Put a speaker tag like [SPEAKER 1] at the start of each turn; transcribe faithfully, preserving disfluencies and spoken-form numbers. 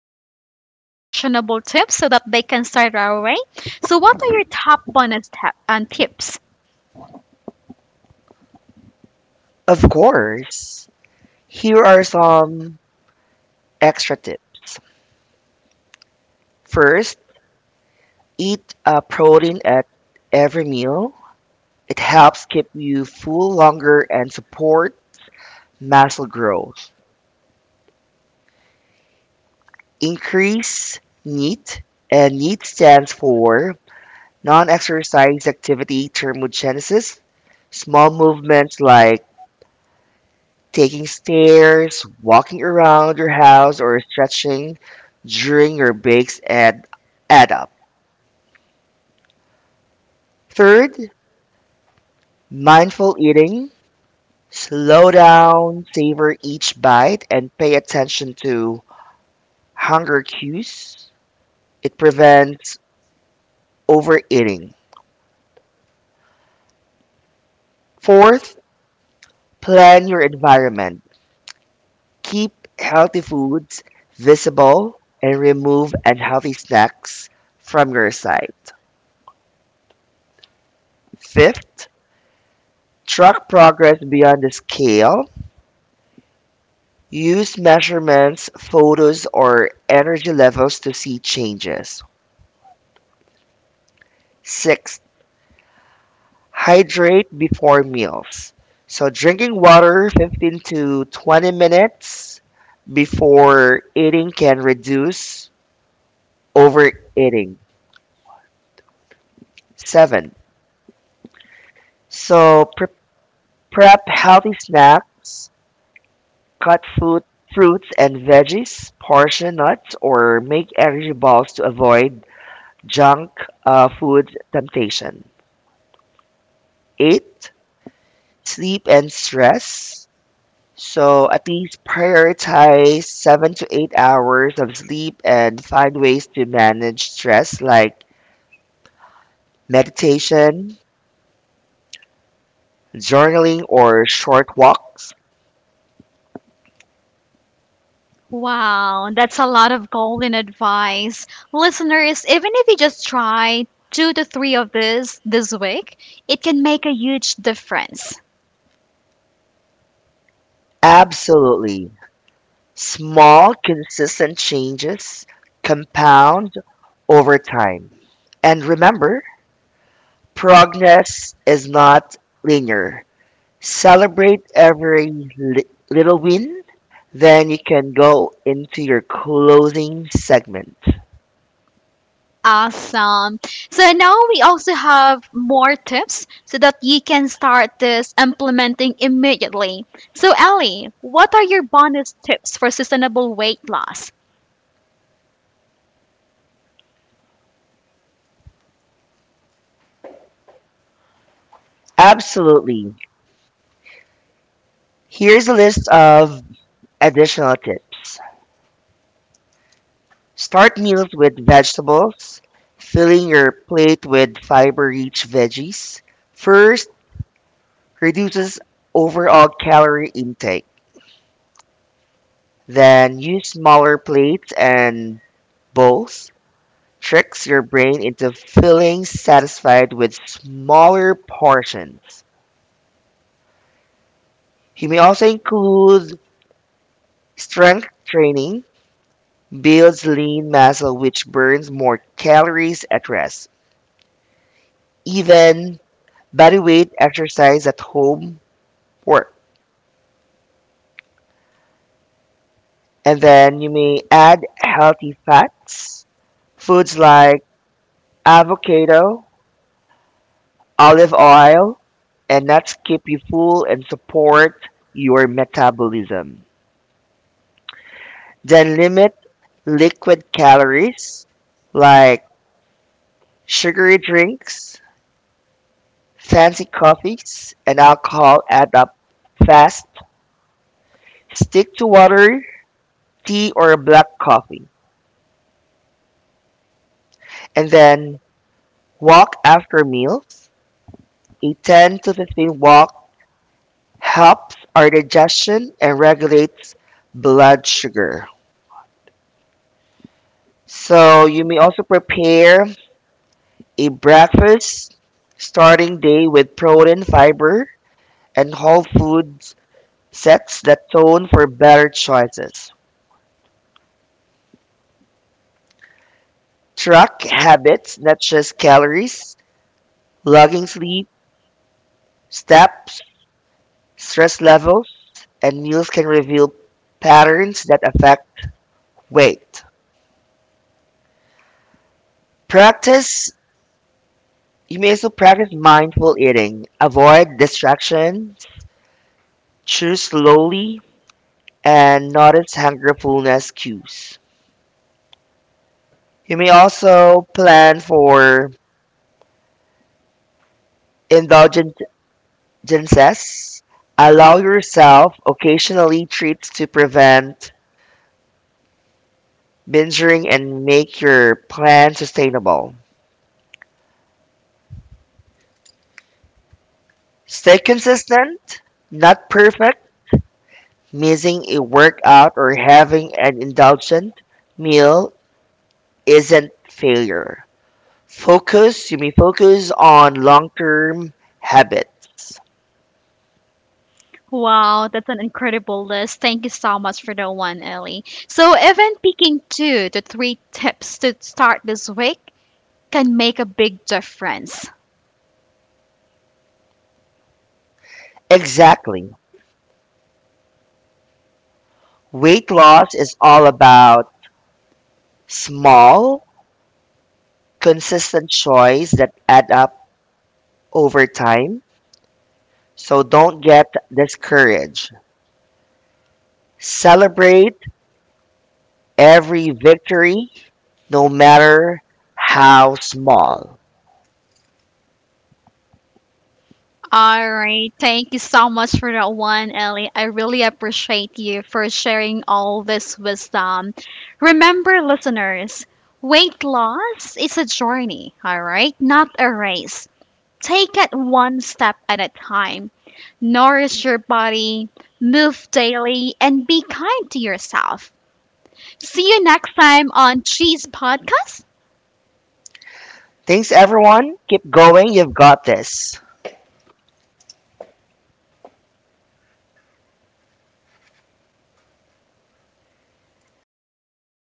[SPEAKER 1] listeners more actionable tips so that they can start right away. So, what are your top bonus tap and tips?
[SPEAKER 2] Of course. Here are some extra tips. First, eat a protein at every meal. It helps keep you full longer and support muscle growth. Increase NEAT, and NEAT stands for non-exercise activity thermogenesis. Small movements like taking stairs, walking around your house, or stretching during your breaks add, add up. Third, mindful eating, slow down, savor each bite, and pay attention to hunger cues. It prevents overeating. Fourth, plan your environment. Keep healthy foods visible and remove unhealthy snacks from your side. Fifth, track progress beyond the scale. Use measurements, photos, or energy levels to see changes. Sixth, hydrate before meals. So drinking water fifteen to twenty minutes before eating can reduce overeating. seven. So pre- prep healthy snacks, cut food, fruits and veggies, portion nuts or make energy balls to avoid junk uh, food temptation. eight. Sleep and stress. So at least prioritize seven to eight hours of sleep and find ways to manage stress like meditation, journaling, or short walks.
[SPEAKER 1] Wow, that's a lot of golden advice. Listeners, even if you just try two to three of this this week, it can make a huge difference.
[SPEAKER 2] Absolutely. Small, consistent changes compound over time. And remember, progress is not linear. Celebrate every li- little win, then you can go into your closing segment.
[SPEAKER 1] Awesome. So now we also have more tips so that you can start this implementing immediately. So, Ellie, what are your bonus tips for sustainable weight loss?
[SPEAKER 2] Absolutely. Here's a list of additional tips. Start meals with vegetables, filling your plate with fiber-rich veggies. First, reduces overall calorie intake. Then use smaller plates and bowls. Tricks your brain into feeling satisfied with smaller portions. You may also include strength training builds lean muscle which burns more calories at rest. Even body weight exercise at home work. And then you may add healthy fats. Foods like avocado, olive oil, and nuts keep you full and support your metabolism. Then limit liquid calories like sugary drinks, fancy coffees, and alcohol add up fast. Stick to water tea or black coffee. And then walk after meals. A ten to fifteen walk helps our digestion and regulates blood sugar. So you may also prepare a breakfast starting day with protein, fiber, and whole foods sets the tone for better choices. Track habits, not just calories, logging sleep, steps, stress levels, and meals can reveal patterns that affect weight. Practice, you may also practice mindful eating. Avoid distractions, chew slowly, and notice hunger fullness cues. You may also plan for indulgences. Allow yourself occasionally treats to prevent binging and make your plan sustainable. Stay consistent, not perfect. Missing a workout or having an indulgent meal isn't failure. Focus, you may focus on long term habits.
[SPEAKER 1] Wow, that's an incredible list. Thank you so much for that one, Ellie. So, even picking two to three tips to start this week can make a big difference.
[SPEAKER 2] Exactly. Weight loss is all about small, consistent choices that add up over time. So don't get discouraged. Celebrate every victory, no matter how small.
[SPEAKER 1] All right. Thank you so much for that one, Ellie. I really appreciate you for sharing all this wisdom. Remember, listeners, weight loss is a journey, all right? Not a race. Take it one step at a time. Nourish your body, move daily, and be kind to yourself. See you next time on Cheese Podcast.
[SPEAKER 2] Thanks, everyone. Keep going. You've got this.